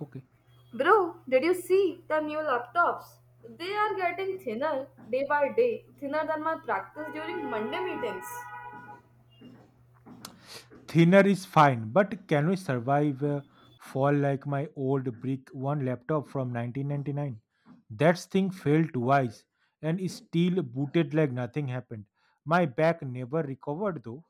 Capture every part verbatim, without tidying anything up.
Okay. Bro, did you see the new laptops? They are getting thinner day by day, thinner than my practice during Monday meetings. Thinner is fine, but can we survive a fall like my old brick one laptop from nineteen ninety-nine? That thing failed twice and is still booted like nothing happened. My back never recovered though.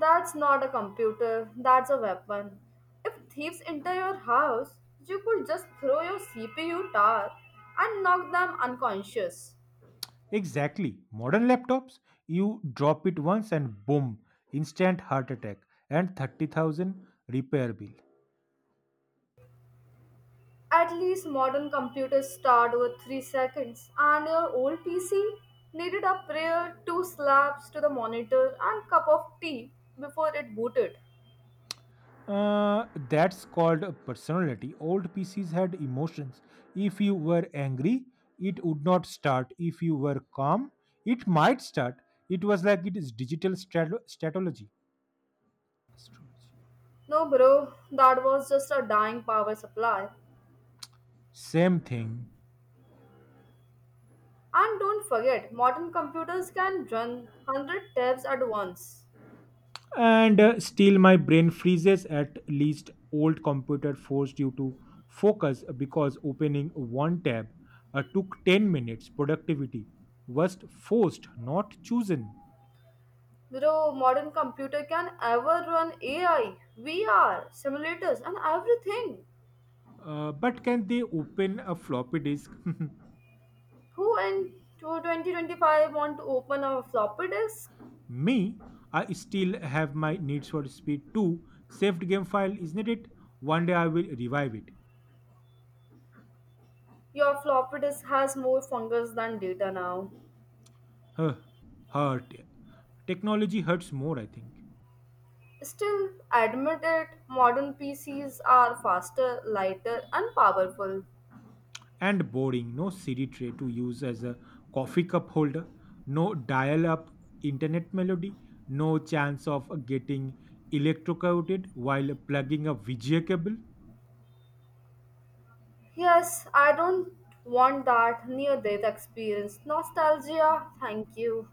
That's not a computer, that's a weapon. If thieves enter your house, you could just throw your C P U tower and knock them unconscious. Exactly. Modern laptops, you drop it once and boom, instant heart attack and thirty thousand repair bill. At least modern computers start with three seconds, and your old P C needed a prayer, two slaps to the monitor, and cup of tea before it booted. Uh, that's called a personality. Old P Cs had emotions. If you were angry, it would not start. If you were calm, it might start. It was like it is digital strat- stratology. Astrology. No, bro, that was just a dying power supply. Same thing. And don't forget, modern computers can run one hundred tabs at once. And uh, still, my brain freezes. At least, old computer forced you to focus because opening one tab uh, took ten minutes. Productivity was forced, not chosen. Bro, modern computer can ever run A I, V R, simulators, and everything. Uh, but can they open a floppy disk? Who in twenty twenty-five want to open a floppy disk? Me, I still have my Needs for Speed two saved game file, isn't it? One day I will revive it. Your floppy disk has more fungus than data now. Huh, hurt. Technology hurts more, I think. Still, admit it, modern P Cs are faster, lighter, and powerful. And boring. No C D tray to use as a coffee cup holder. No dial up internet melody. No chance of getting electrocuted while plugging a V G A cable. Yes, I don't want that near death experience. Nostalgia, thank you.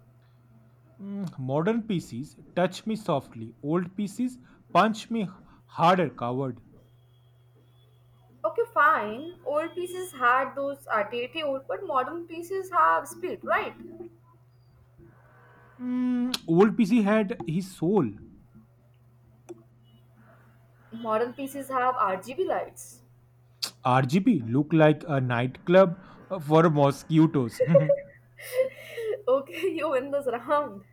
Mm, modern P Cs touch me softly. Old P Cs punch me harder, coward. Okay, fine. Old pieces had those attitude, but modern pieces have speed, right? Mm, old P C had his soul. Modern pieces have R G B lights. R G B looked like a nightclub uh, for mosquitoes. Okay, you win this round.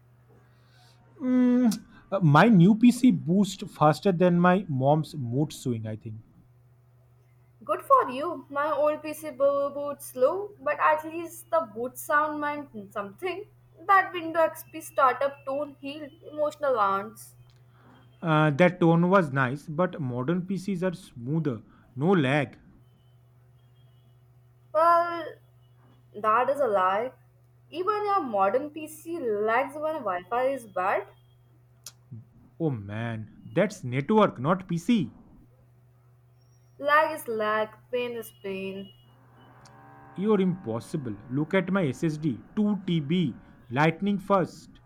Mm, uh, my new P C boost faster than my mom's mood swing, I think. Good for you. My old P C bo- boots slow, but at least the boot sound meant something. That Windows X P startup tone healed emotional wounds. Uh, that tone was nice, but modern P Cs are smoother. No lag. Well, that is a lie. Even your modern P C lags when Wi-Fi is bad. Oh man, that's network, not P C. Lag is lag, pain is pain. You're impossible. Look at my S S D two terabytes. Lightning first.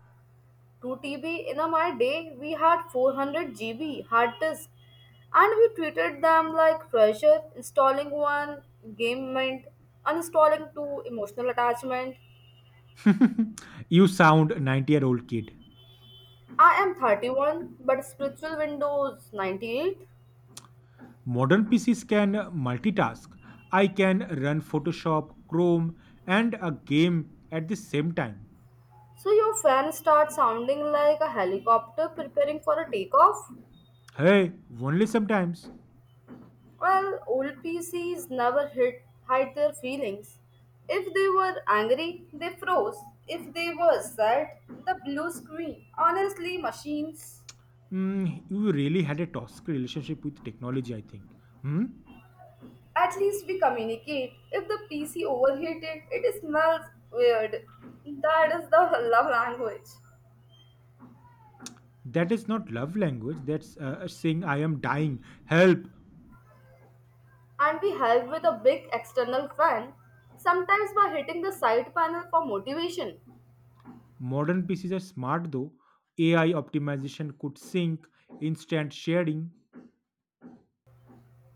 two T B? In a my day, we had four hundred G B hard disk, and we treated them like treasure. Installing one game meant uninstalling two emotional attachment. you sound ninety year old kid. I am thirty-one, but spiritual Windows ninety-eight. Modern P Cs can multitask. I can run Photoshop, Chrome, and a game at the same time. So your fan starts sounding like a helicopter preparing for a takeoff. Hey, only sometimes. Well, old P Cs never hid, hide their feelings. If they were angry, they froze. If they were sad, the blue screen. Honestly, machines, Mm, you really had a toxic relationship with technology, I think. Hmm? at least we communicate. If the P C overheated, it smells weird. That is the love language. That is not love language. That's uh, saying I am dying. Help. And we help with a big external fan, sometimes by hitting the side panel for motivation. Modern P Cs are smart though. A I optimization could sync, instant sharing.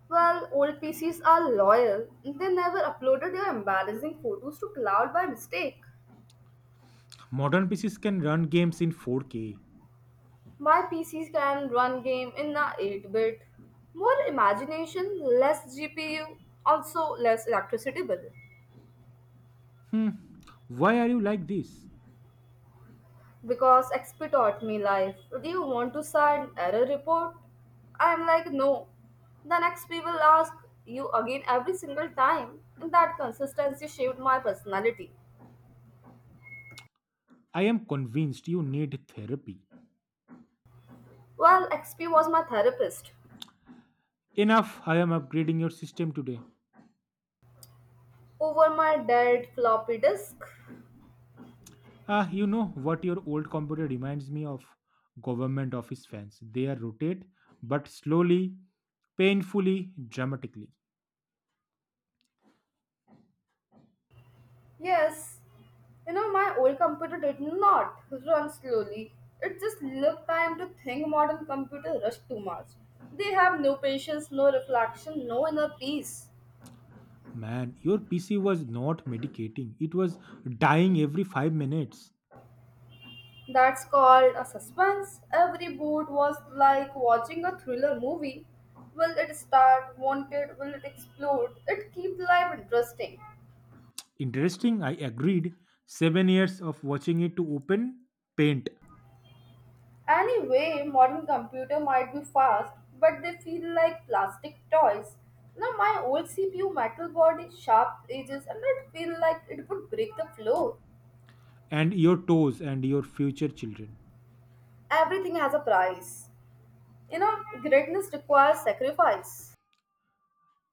Well, old P Cs are loyal. They never uploaded their embarrassing photos to cloud by mistake. Modern P Cs can run games in four K. My P Cs can run game in a eight-bit. More imagination, less G P U, also less electricity bill. Hmm. Why are you like this? Because X P taught me life. Do you want to sign error report? I'm like, no. Then X P will ask you again every single time. And that consistency shaped my personality. I am convinced you need therapy. Well, X P was my therapist. Enough, I am upgrading your system today. Over my dead floppy disk. Ah, you know what your old computer reminds me of? Government office fans. They are rotate, but slowly, painfully, dramatically. Yes, you know, my old computer did not run slowly. It just looked time to think modern computers rush too much. They have no patience, no reflection, no inner peace. Man, your P C was not medicating. It was dying every five minutes. That's called a suspense. Every boot was like watching a thriller movie. Will it start? Want it? Will it explode? It keeps life interesting. Interesting, I agreed. Seven years of watching it to open, paint, Anyway, modern computer might be fast, but they feel like plastic toys. Now my old C P U metal body, sharp edges, and it feel like it would break the floor. and your toes and your future children. Everything has a price. You know, greatness requires sacrifice.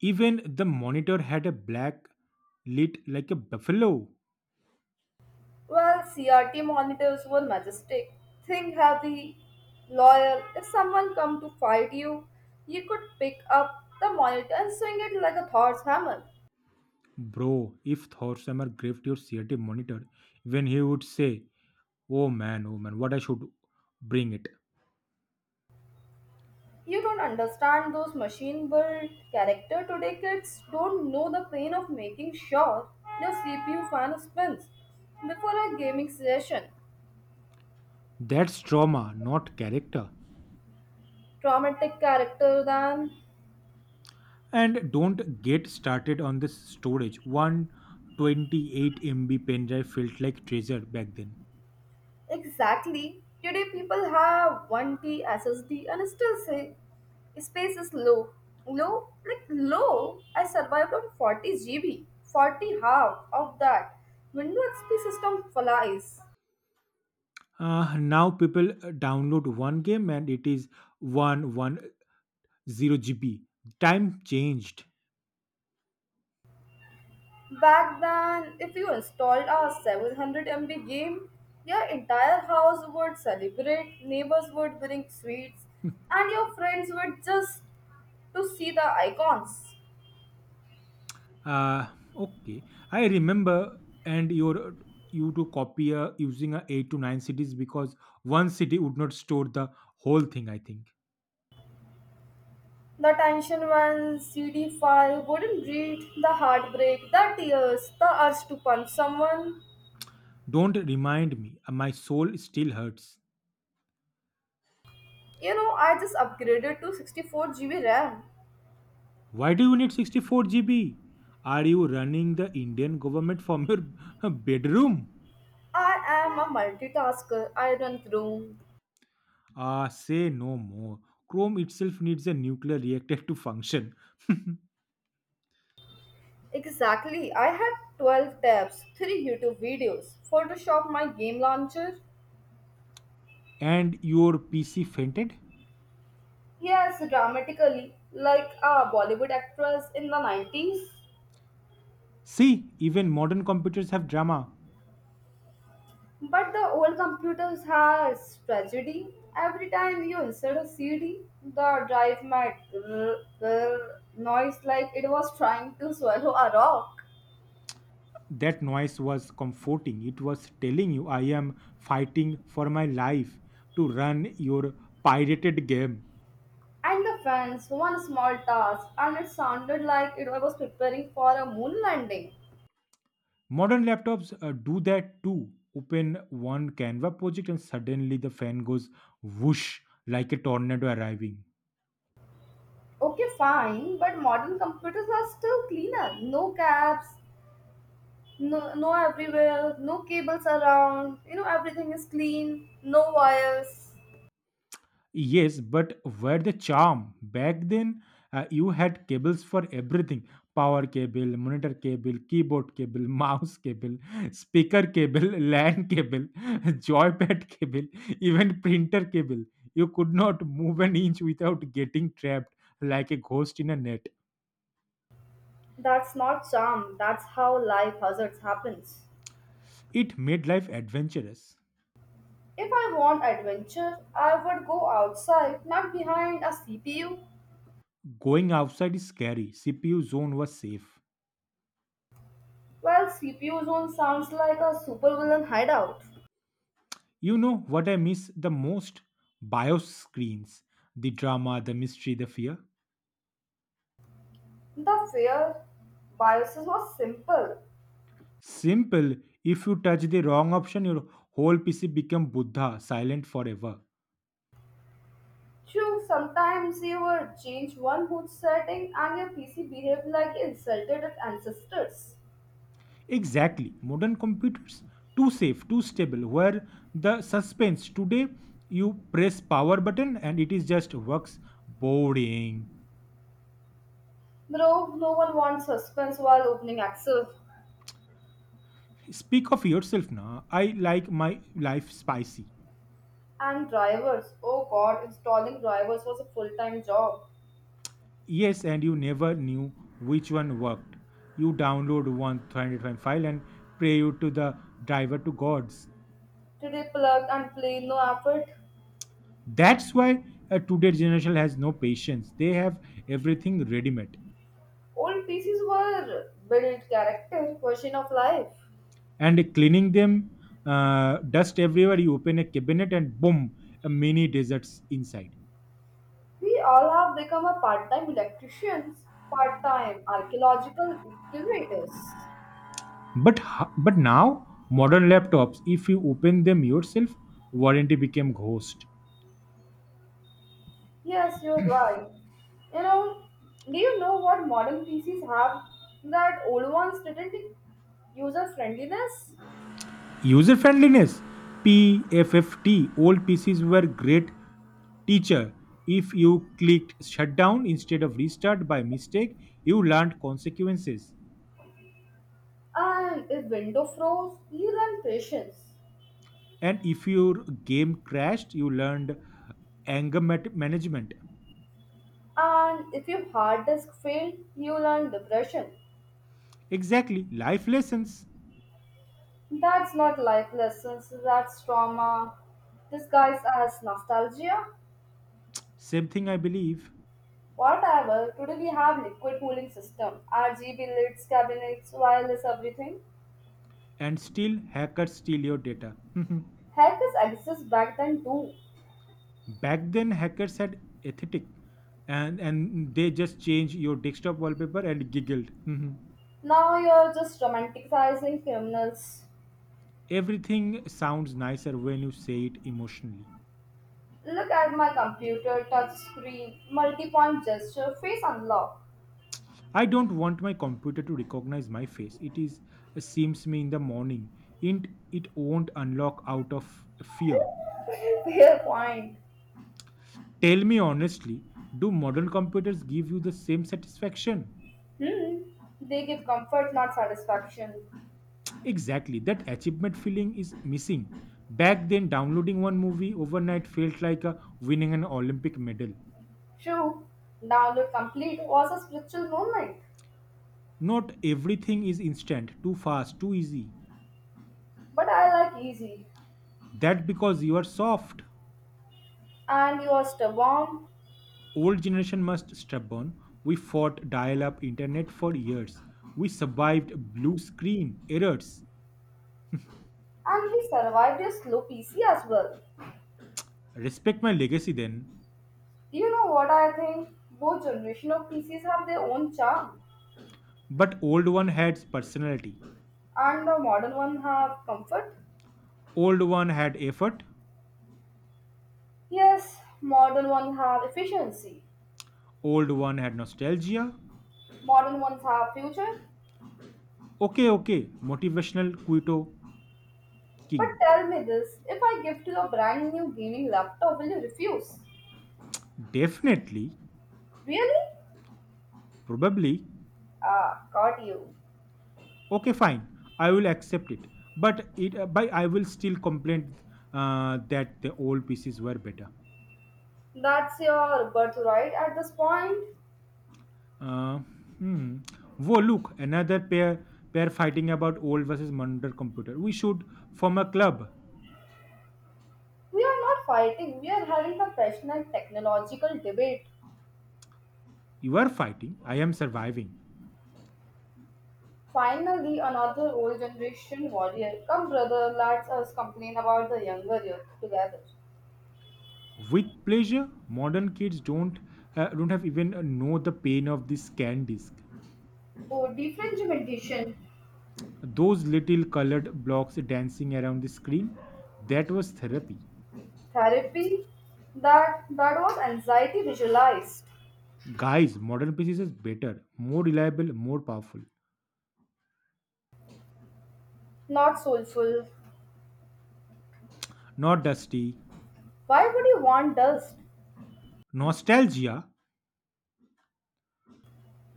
Even the monitor had a black lit like a buffalo. Well, C R T monitors were majestic, think heavy, lawyer. If someone come to fight you, you could pick up the monitor and swing it like a Thor's hammer. Bro, if Thorsamer gripped your C R T monitor, when he would say, oh man, oh man, what I should bring it. You don't understand those machine built character today kids don't know the pain of making sure their C P U fan spins before a gaming session. That's trauma, not character. Traumatic character than And don't get started on this storage. one hundred twenty-eight megabytes pen drive felt like treasure back then. exactly today people have one T S S D and still say space is low. Low like low I survived on forty G B. forty half of that. Windows X P system flies. Uh, now people uh, download one game and it is one hundred ten gigabytes. Time changed. Back then, if you installed a seven hundred M B game, your entire house would celebrate, neighbors would bring sweets, and your friends would just to see the icons. Uh, okay, I remember and your uh, you to copy a using a eight to nine cities because one city would not store the whole thing I think. The tension when cd file wouldn't read, the heartbreak, the tears, the urge to punch someone. Don't remind me. uh, My soul still hurts. You know, I just upgraded to sixty-four G B RAM. Why do you need sixty-four gigabytes? Are you running the Indian government from your bedroom? I am a multitasker. I run Chrome. Ah, say no more. Chrome itself needs a nuclear reactor to function. Exactly. I had twelve tabs, three YouTube videos, Photoshop my game launcher. And your P C fainted? Yes, dramatically, like a Bollywood actress in the nineties. See, even modern computers have drama. But the old computers has tragedy. Every time you insert a C D, the drive might grr, grr, noise like it was trying to swallow a rock. That noise was comforting. It was telling you I am fighting for my life to run your pirated game. And the fans, one small task, and it sounded like it was preparing for a moon landing. Modern laptops uh, do that too. Open one Canva project and suddenly the fan goes whoosh like a tornado arriving. Okay, fine, but modern computers are still cleaner. No caps, no, no everywhere, no cables around. You know, everything is clean, no wires. Yes, but where the charm? Back then, uh, you had cables for everything power cable, monitor cable, keyboard cable, mouse cable, speaker cable, LAN cable, joypad cable, even printer cable. You could not move an inch without getting trapped like a ghost in a net. That's not charm, that's how life hazards happens. It made life adventurous. If I want adventure, I would go outside, not behind a C P U. Going outside is scary. C P U zone was safe. Well, C P U zone sounds like a supervillain hideout. You know what I miss the most? BIOS screens. The drama, the mystery, the fear. The fear biases was simple. Simple. If you touch the wrong option, your whole P C become Buddha, silent forever. True, sometimes you will change one boot setting and your P C behaves like you insulted its ancestors. Exactly. Modern computers too safe, too stable. Where the suspense today, you press power button and it is just works boring. Bro, no one wants suspense while opening Excel. Speak of yourself now. I like my life spicy. And drivers, oh god, installing drivers was a full time job. Yes, and you never knew which one worked. You download one three hundred five file and pray you to the driver to gods. Today, plug and play, no effort. That's why uh, today's generation has no patience. They have everything ready made Old P Cs were built character, version of life. and cleaning them, uh, dust everywhere. You open a cabinet and boom, a mini deserts inside. We all have become a part time electricians, part time archaeological curators. But ho- but now modern laptops, if you open them yourself, warranty became ghost. Yes, you're right. You know, do you know what modern P Cs have that old ones didn't? User friendliness. User friendliness, PFFT. Old P Cs were great teacher. If you clicked shutdown instead of restart by mistake, you learned consequences. And if window froze, you learn patience. And if your game crashed you learned anger mat- management And if your hard disk failed, you learn depression. exactly life lessons That's not life lessons, that's trauma disguised as nostalgia. same thing I believe Whatever, today we have liquid cooling system, R G B lights, cabinets, wireless everything. and still hackers steal your data Hackers exist back then too. back then hackers had aesthetic and and they just change your desktop wallpaper and giggled. Mhm. Now you're just romanticizing criminals. Everything sounds nicer when you say it emotionally. Look at my computer, touch screen, multi-point gesture, face unlock. I don't want my computer to recognize my face it is seems me in the morning it it won't unlock out of fear. Fair point. Tell me honestly, do modern computers give you the same satisfaction? Hmm. They give comfort, not satisfaction. Exactly, that achievement feeling is missing. Back then, downloading one movie overnight felt like a winning an Olympic medal. True. Download complete was a spiritual moment, Not everything is instant, too fast, too easy. but I like easy. That because you are soft. And you are stubborn, Old generation must stubborn. We fought dial-up internet for years. We survived blue screen errors. and we survived a slow P C as well. Respect my legacy then. You know what I think? Both generation of P Cs have their own charm, But old one had personality. and the modern one have comfort. Old one had effort, Yes, modern ones have efficiency. old one had nostalgia. Modern ones have future. Okay, okay, motivational Quito But King. tell me this, if I give to you a brand new gaming laptop, will you refuse? Definitely, Really? probably. Ah, got you. Okay, fine, I will accept it. But it, uh, by I will still complain uh, that the old pieces were better. That's your birthright at this point. Uh, hmm. Whoa, look, another pair pair fighting about old versus modern computer. We should form a club. We are not fighting, we are having a passionate technological debate. You are fighting, I am surviving. Finally, another old generation warrior. Come, brother, let us complain about the younger youth together. With pleasure modern kids don't uh, don't have even uh, know the pain of the scan disc Oh, differentiation. those little colored blocks dancing around the screen that was therapy Therapy. That that was anxiety visualized. guys modern pcs is better more reliable more powerful Not soulful. not dusty Why would you want dust? nostalgia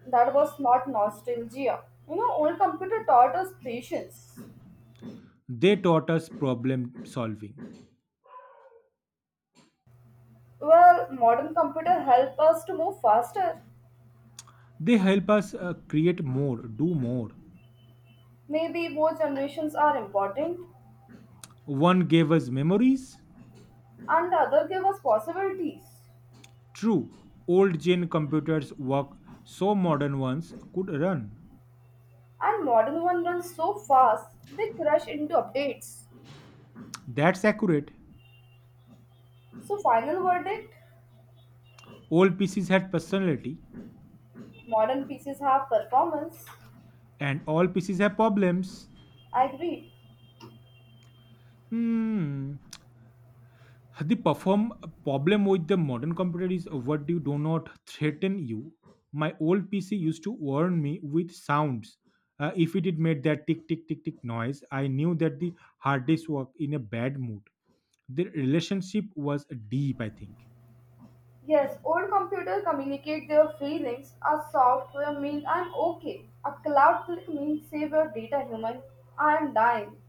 That was not nostalgia. You know, old computer taught us patience. they taught us problem solving Well, modern computer help us to move faster. they help us uh, create more do more Maybe both generations are important, one gave us memories and the other gave us possibilities. true old gen computers work so modern ones could run And modern one runs so fast they crash into updates. that's accurate. So final verdict, All pieces had personality modern pieces have performance. and all pieces have problems. I agree. Hmm. The perform problem with the modern computer is what you do not threaten you. My old P C used to warn me with sounds. Uh, if it did made that tick tick tick tick noise, I knew that the hard disk was in a bad mood. The relationship was deep, I think. Yes, old computers communicate their feelings. A software means I'm okay. A cloud click means save your data, human. I'm dying.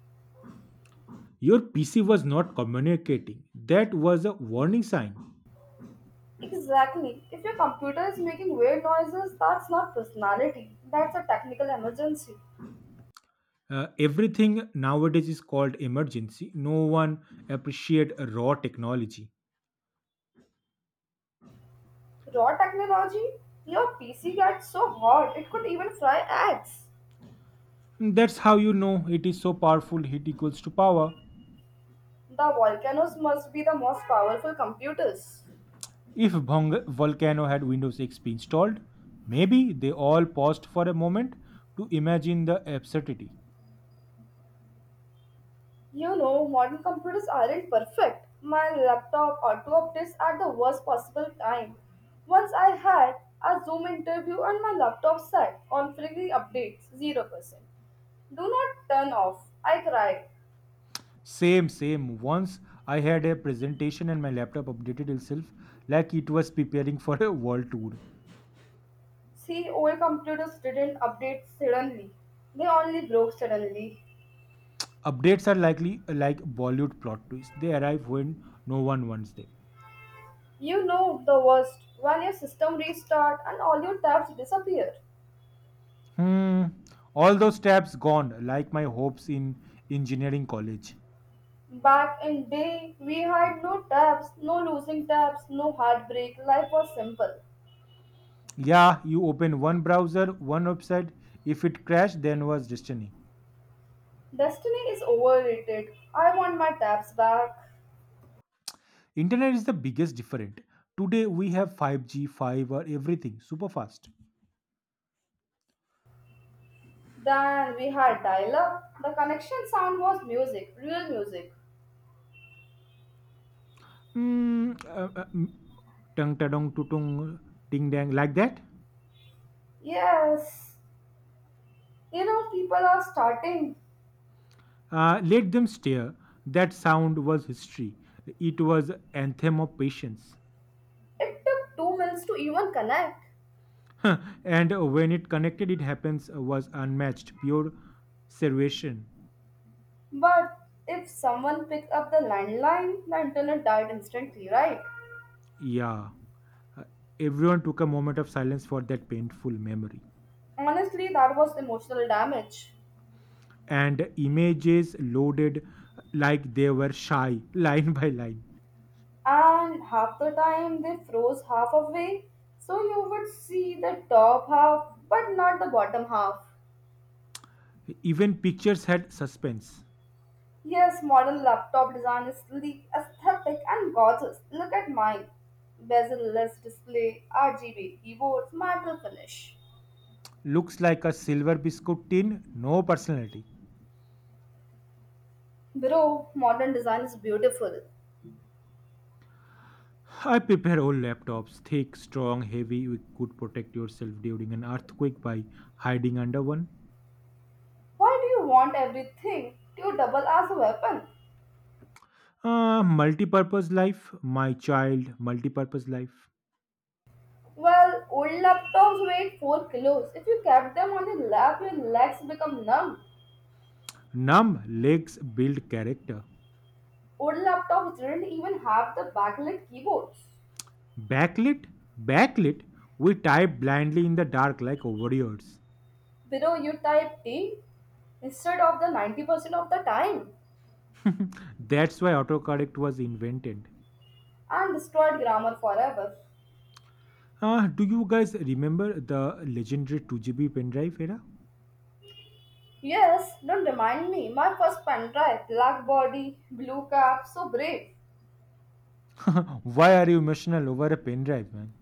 Your P C was not communicating. That was a warning sign. Exactly. If your computer is making weird noises, that's not personality. That's a technical emergency. Uh, everything nowadays is called emergency. No one appreciate raw technology. Raw technology? Your P C gets so hot it could even fry eggs. That's how you know it is so powerful. Heat equals to power. The volcanoes must be the most powerful computers. If Vong- Volcano had Windows X P installed, maybe they all paused for a moment to imagine the absurdity. You know, modern computers aren't perfect. My laptop auto updates at the worst possible time. Once I had a Zoom interview and my laptop said configuring updates zero percent. Do not turn off. I cried. Same, same. Once I had a presentation and my laptop updated itself like it was preparing for a world tour. See, old computers didn't update suddenly. They only broke suddenly. Updates are likely like Bollywood plot twists. They arrive when no one wants them. You know the worst when your system restart and all your tabs disappear. Hmm. All those tabs gone, like my hopes in engineering college. Back in day, we had no taps, no losing taps, no heartbreak. Life was simple. Yeah, you open one browser, one website. If it crashed, then was destiny. Destiny is overrated. I want my taps back. Internet is the biggest different. Today we have five G, five or everything, super fast. Then we had dial-up. The connection sound was music, real music. Hmm. uh, uh, mm, tung tadong tutung ding dang like that. Yes, you know people are starting. Uh, let them stare. That sound was history. It was anthem of patience. It took two minutes to even connect. and when it connected, it happens uh, was unmatched, pure salvation. But if someone picked up the landline, the internet died instantly, right? Yeah, Uh, everyone took a moment of silence for that painful memory, Honestly, that was emotional damage. and images loaded like they were shy, line by line. And half the time they froze half away, so you would see the top half but not the bottom half. Even pictures had suspense. Yes, modern laptop design is sleek, aesthetic, and gorgeous. Look at mine: bezel-less display, RGB keyboards, metal finish. Looks like a silver biscuit tin, no personality. Bro, modern design is beautiful. I prepare old laptops, thick, strong, heavy. You could protect yourself during an earthquake by hiding under one. Why do you want everything to double as a weapon? Uh, multi-purpose life, my child, multi-purpose life. Well, old laptops weighed four kilos. If you kept them on your lap, your legs become numb. Numb legs build character. Old laptops didn't even have the backlit keyboards. Backlit, backlit, we type blindly in the dark like warriors. Below you type T instead of the ninety percent of the time That's why autocorrect was invented. and destroyed grammar forever. Uh, do you guys remember the legendary two gigabyte pen drive, era? Yes, don't remind me. My first pen drive, black body, blue cap, so brave. Why are you emotional over a pen drive, man?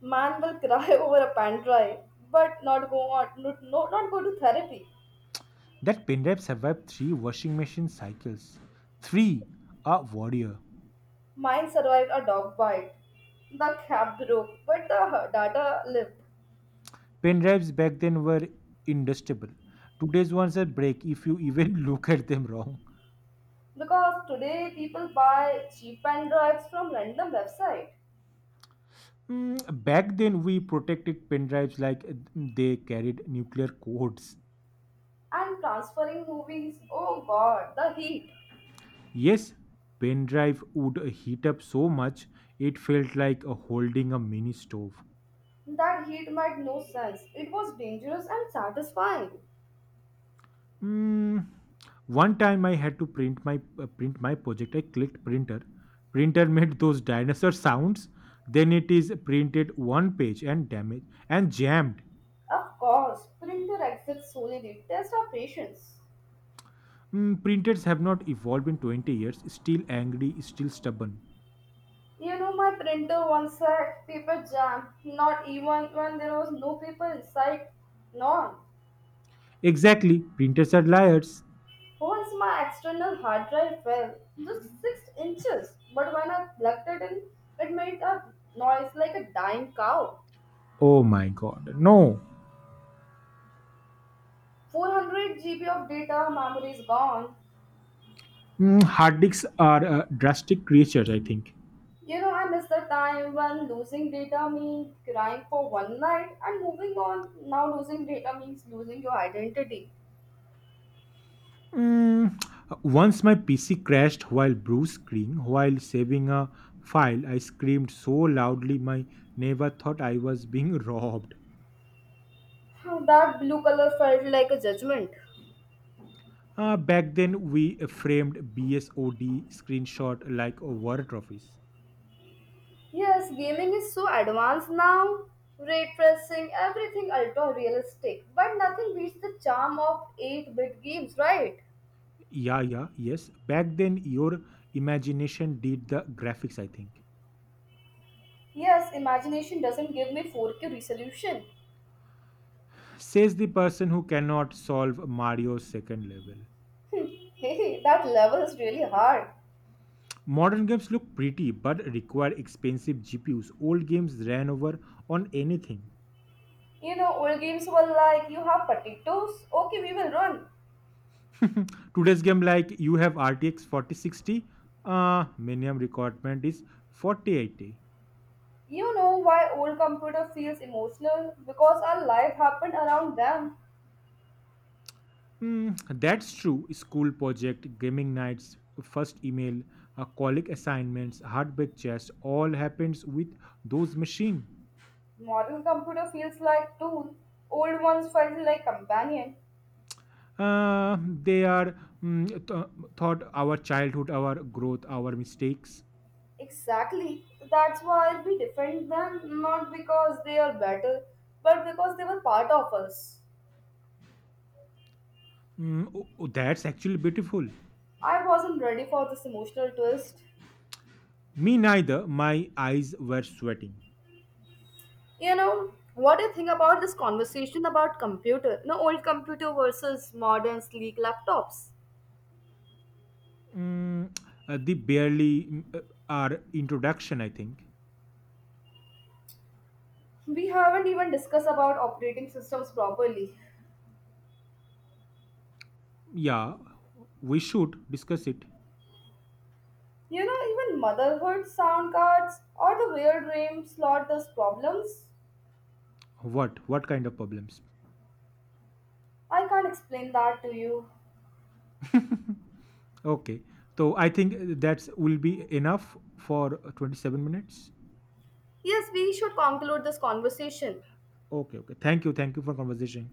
Man will cry over a pen drive, but not go on, not, no, not go to therapy. That pen pendrive survived three washing machine cycles. Three, a warrior. Mine survived a dog bite. The cap broke, but the data lived. Pen drives back then were indestructible. Today's ones are break if you even look at them wrong. Because today people buy cheap pen drives from random website. Mm, back then, we protected pen drives like uh, they carried nuclear codes. And transferring movies. Oh god, the heat. Yes, pen drive would heat up so much it felt like uh, holding a mini stove. That heat made no sense. It was dangerous and satisfying. Mm, one time I had to print my uh, print my project. I clicked printer. Printer made those dinosaur sounds. Then it is printed one page and damaged and jammed. Of course, printer exits solely test our patience. Mm, printers have not evolved in twenty years, still angry, still stubborn. You know, my printer once had paper jam, not even when there was no paper inside, none. Exactly, printers are liars. Once my external hard drive fell, just six inches, but when I plugged it in, it made a noise like a dying cow. Oh my god, no. four hundred G B of data memory is gone. Mm, hard disks are uh, drastic creatures, I think. You know, I miss the time when losing data means crying for one night and moving on. Now, losing data means losing your identity. Mm, once my P C crashed while blue screen, while saving a file, I screamed so loudly my neighbor thought I was being robbed. How that blue color felt like a judgment. Uh, back then, we framed B S O D screenshot like a war trophies. Yes, gaming is so advanced now. Ray tracing, everything ultra realistic. But nothing beats the charm of eight bit games, right? Yeah, yeah, yes. Back then, your imagination did the graphics, I think. Yes, imagination doesn't give me four K resolution. Says the person who cannot solve Mario's second level. Hmm, hey, that level is really hard. Modern games look pretty but require expensive G P Us. Old games ran over on anything. You know, old games were like, you have potatoes? Okay, we will run. Today's game, like you have R T X forty sixty, uh, minimum requirement is forty eighty. You know why old computer feels emotional? Because our life happened around them. Mm, that's true. School project, gaming nights, first email, uh, colleague assignments, hardback chess, all happens with those machine. Modern computer feels like tool. Old ones felt like companion. Uh, they are mm, th- thought our childhood, our growth, our mistakes. Exactly. That's why we defend them not because they are better, but because they were part of us. Mm, oh, oh, that's actually beautiful. I wasn't ready for this emotional twist. Me neither. My eyes were sweating. You know, what do you think about this conversation about computer? No, old computer versus modern sleek laptops. Mm, uh, the barely mm, uh, our introduction, I think. We haven't even discussed about operating systems properly. Yeah, we should discuss it. You know, even motherhood sound cards or the weird dream slot those problems. What? What kind of problems? I can't explain that to you. Okay. So I think uh, that's will be enough for uh, twenty-seven minutes. Yes, we should conclude this conversation. Okay, okay. Thank you. Thank you for conversation.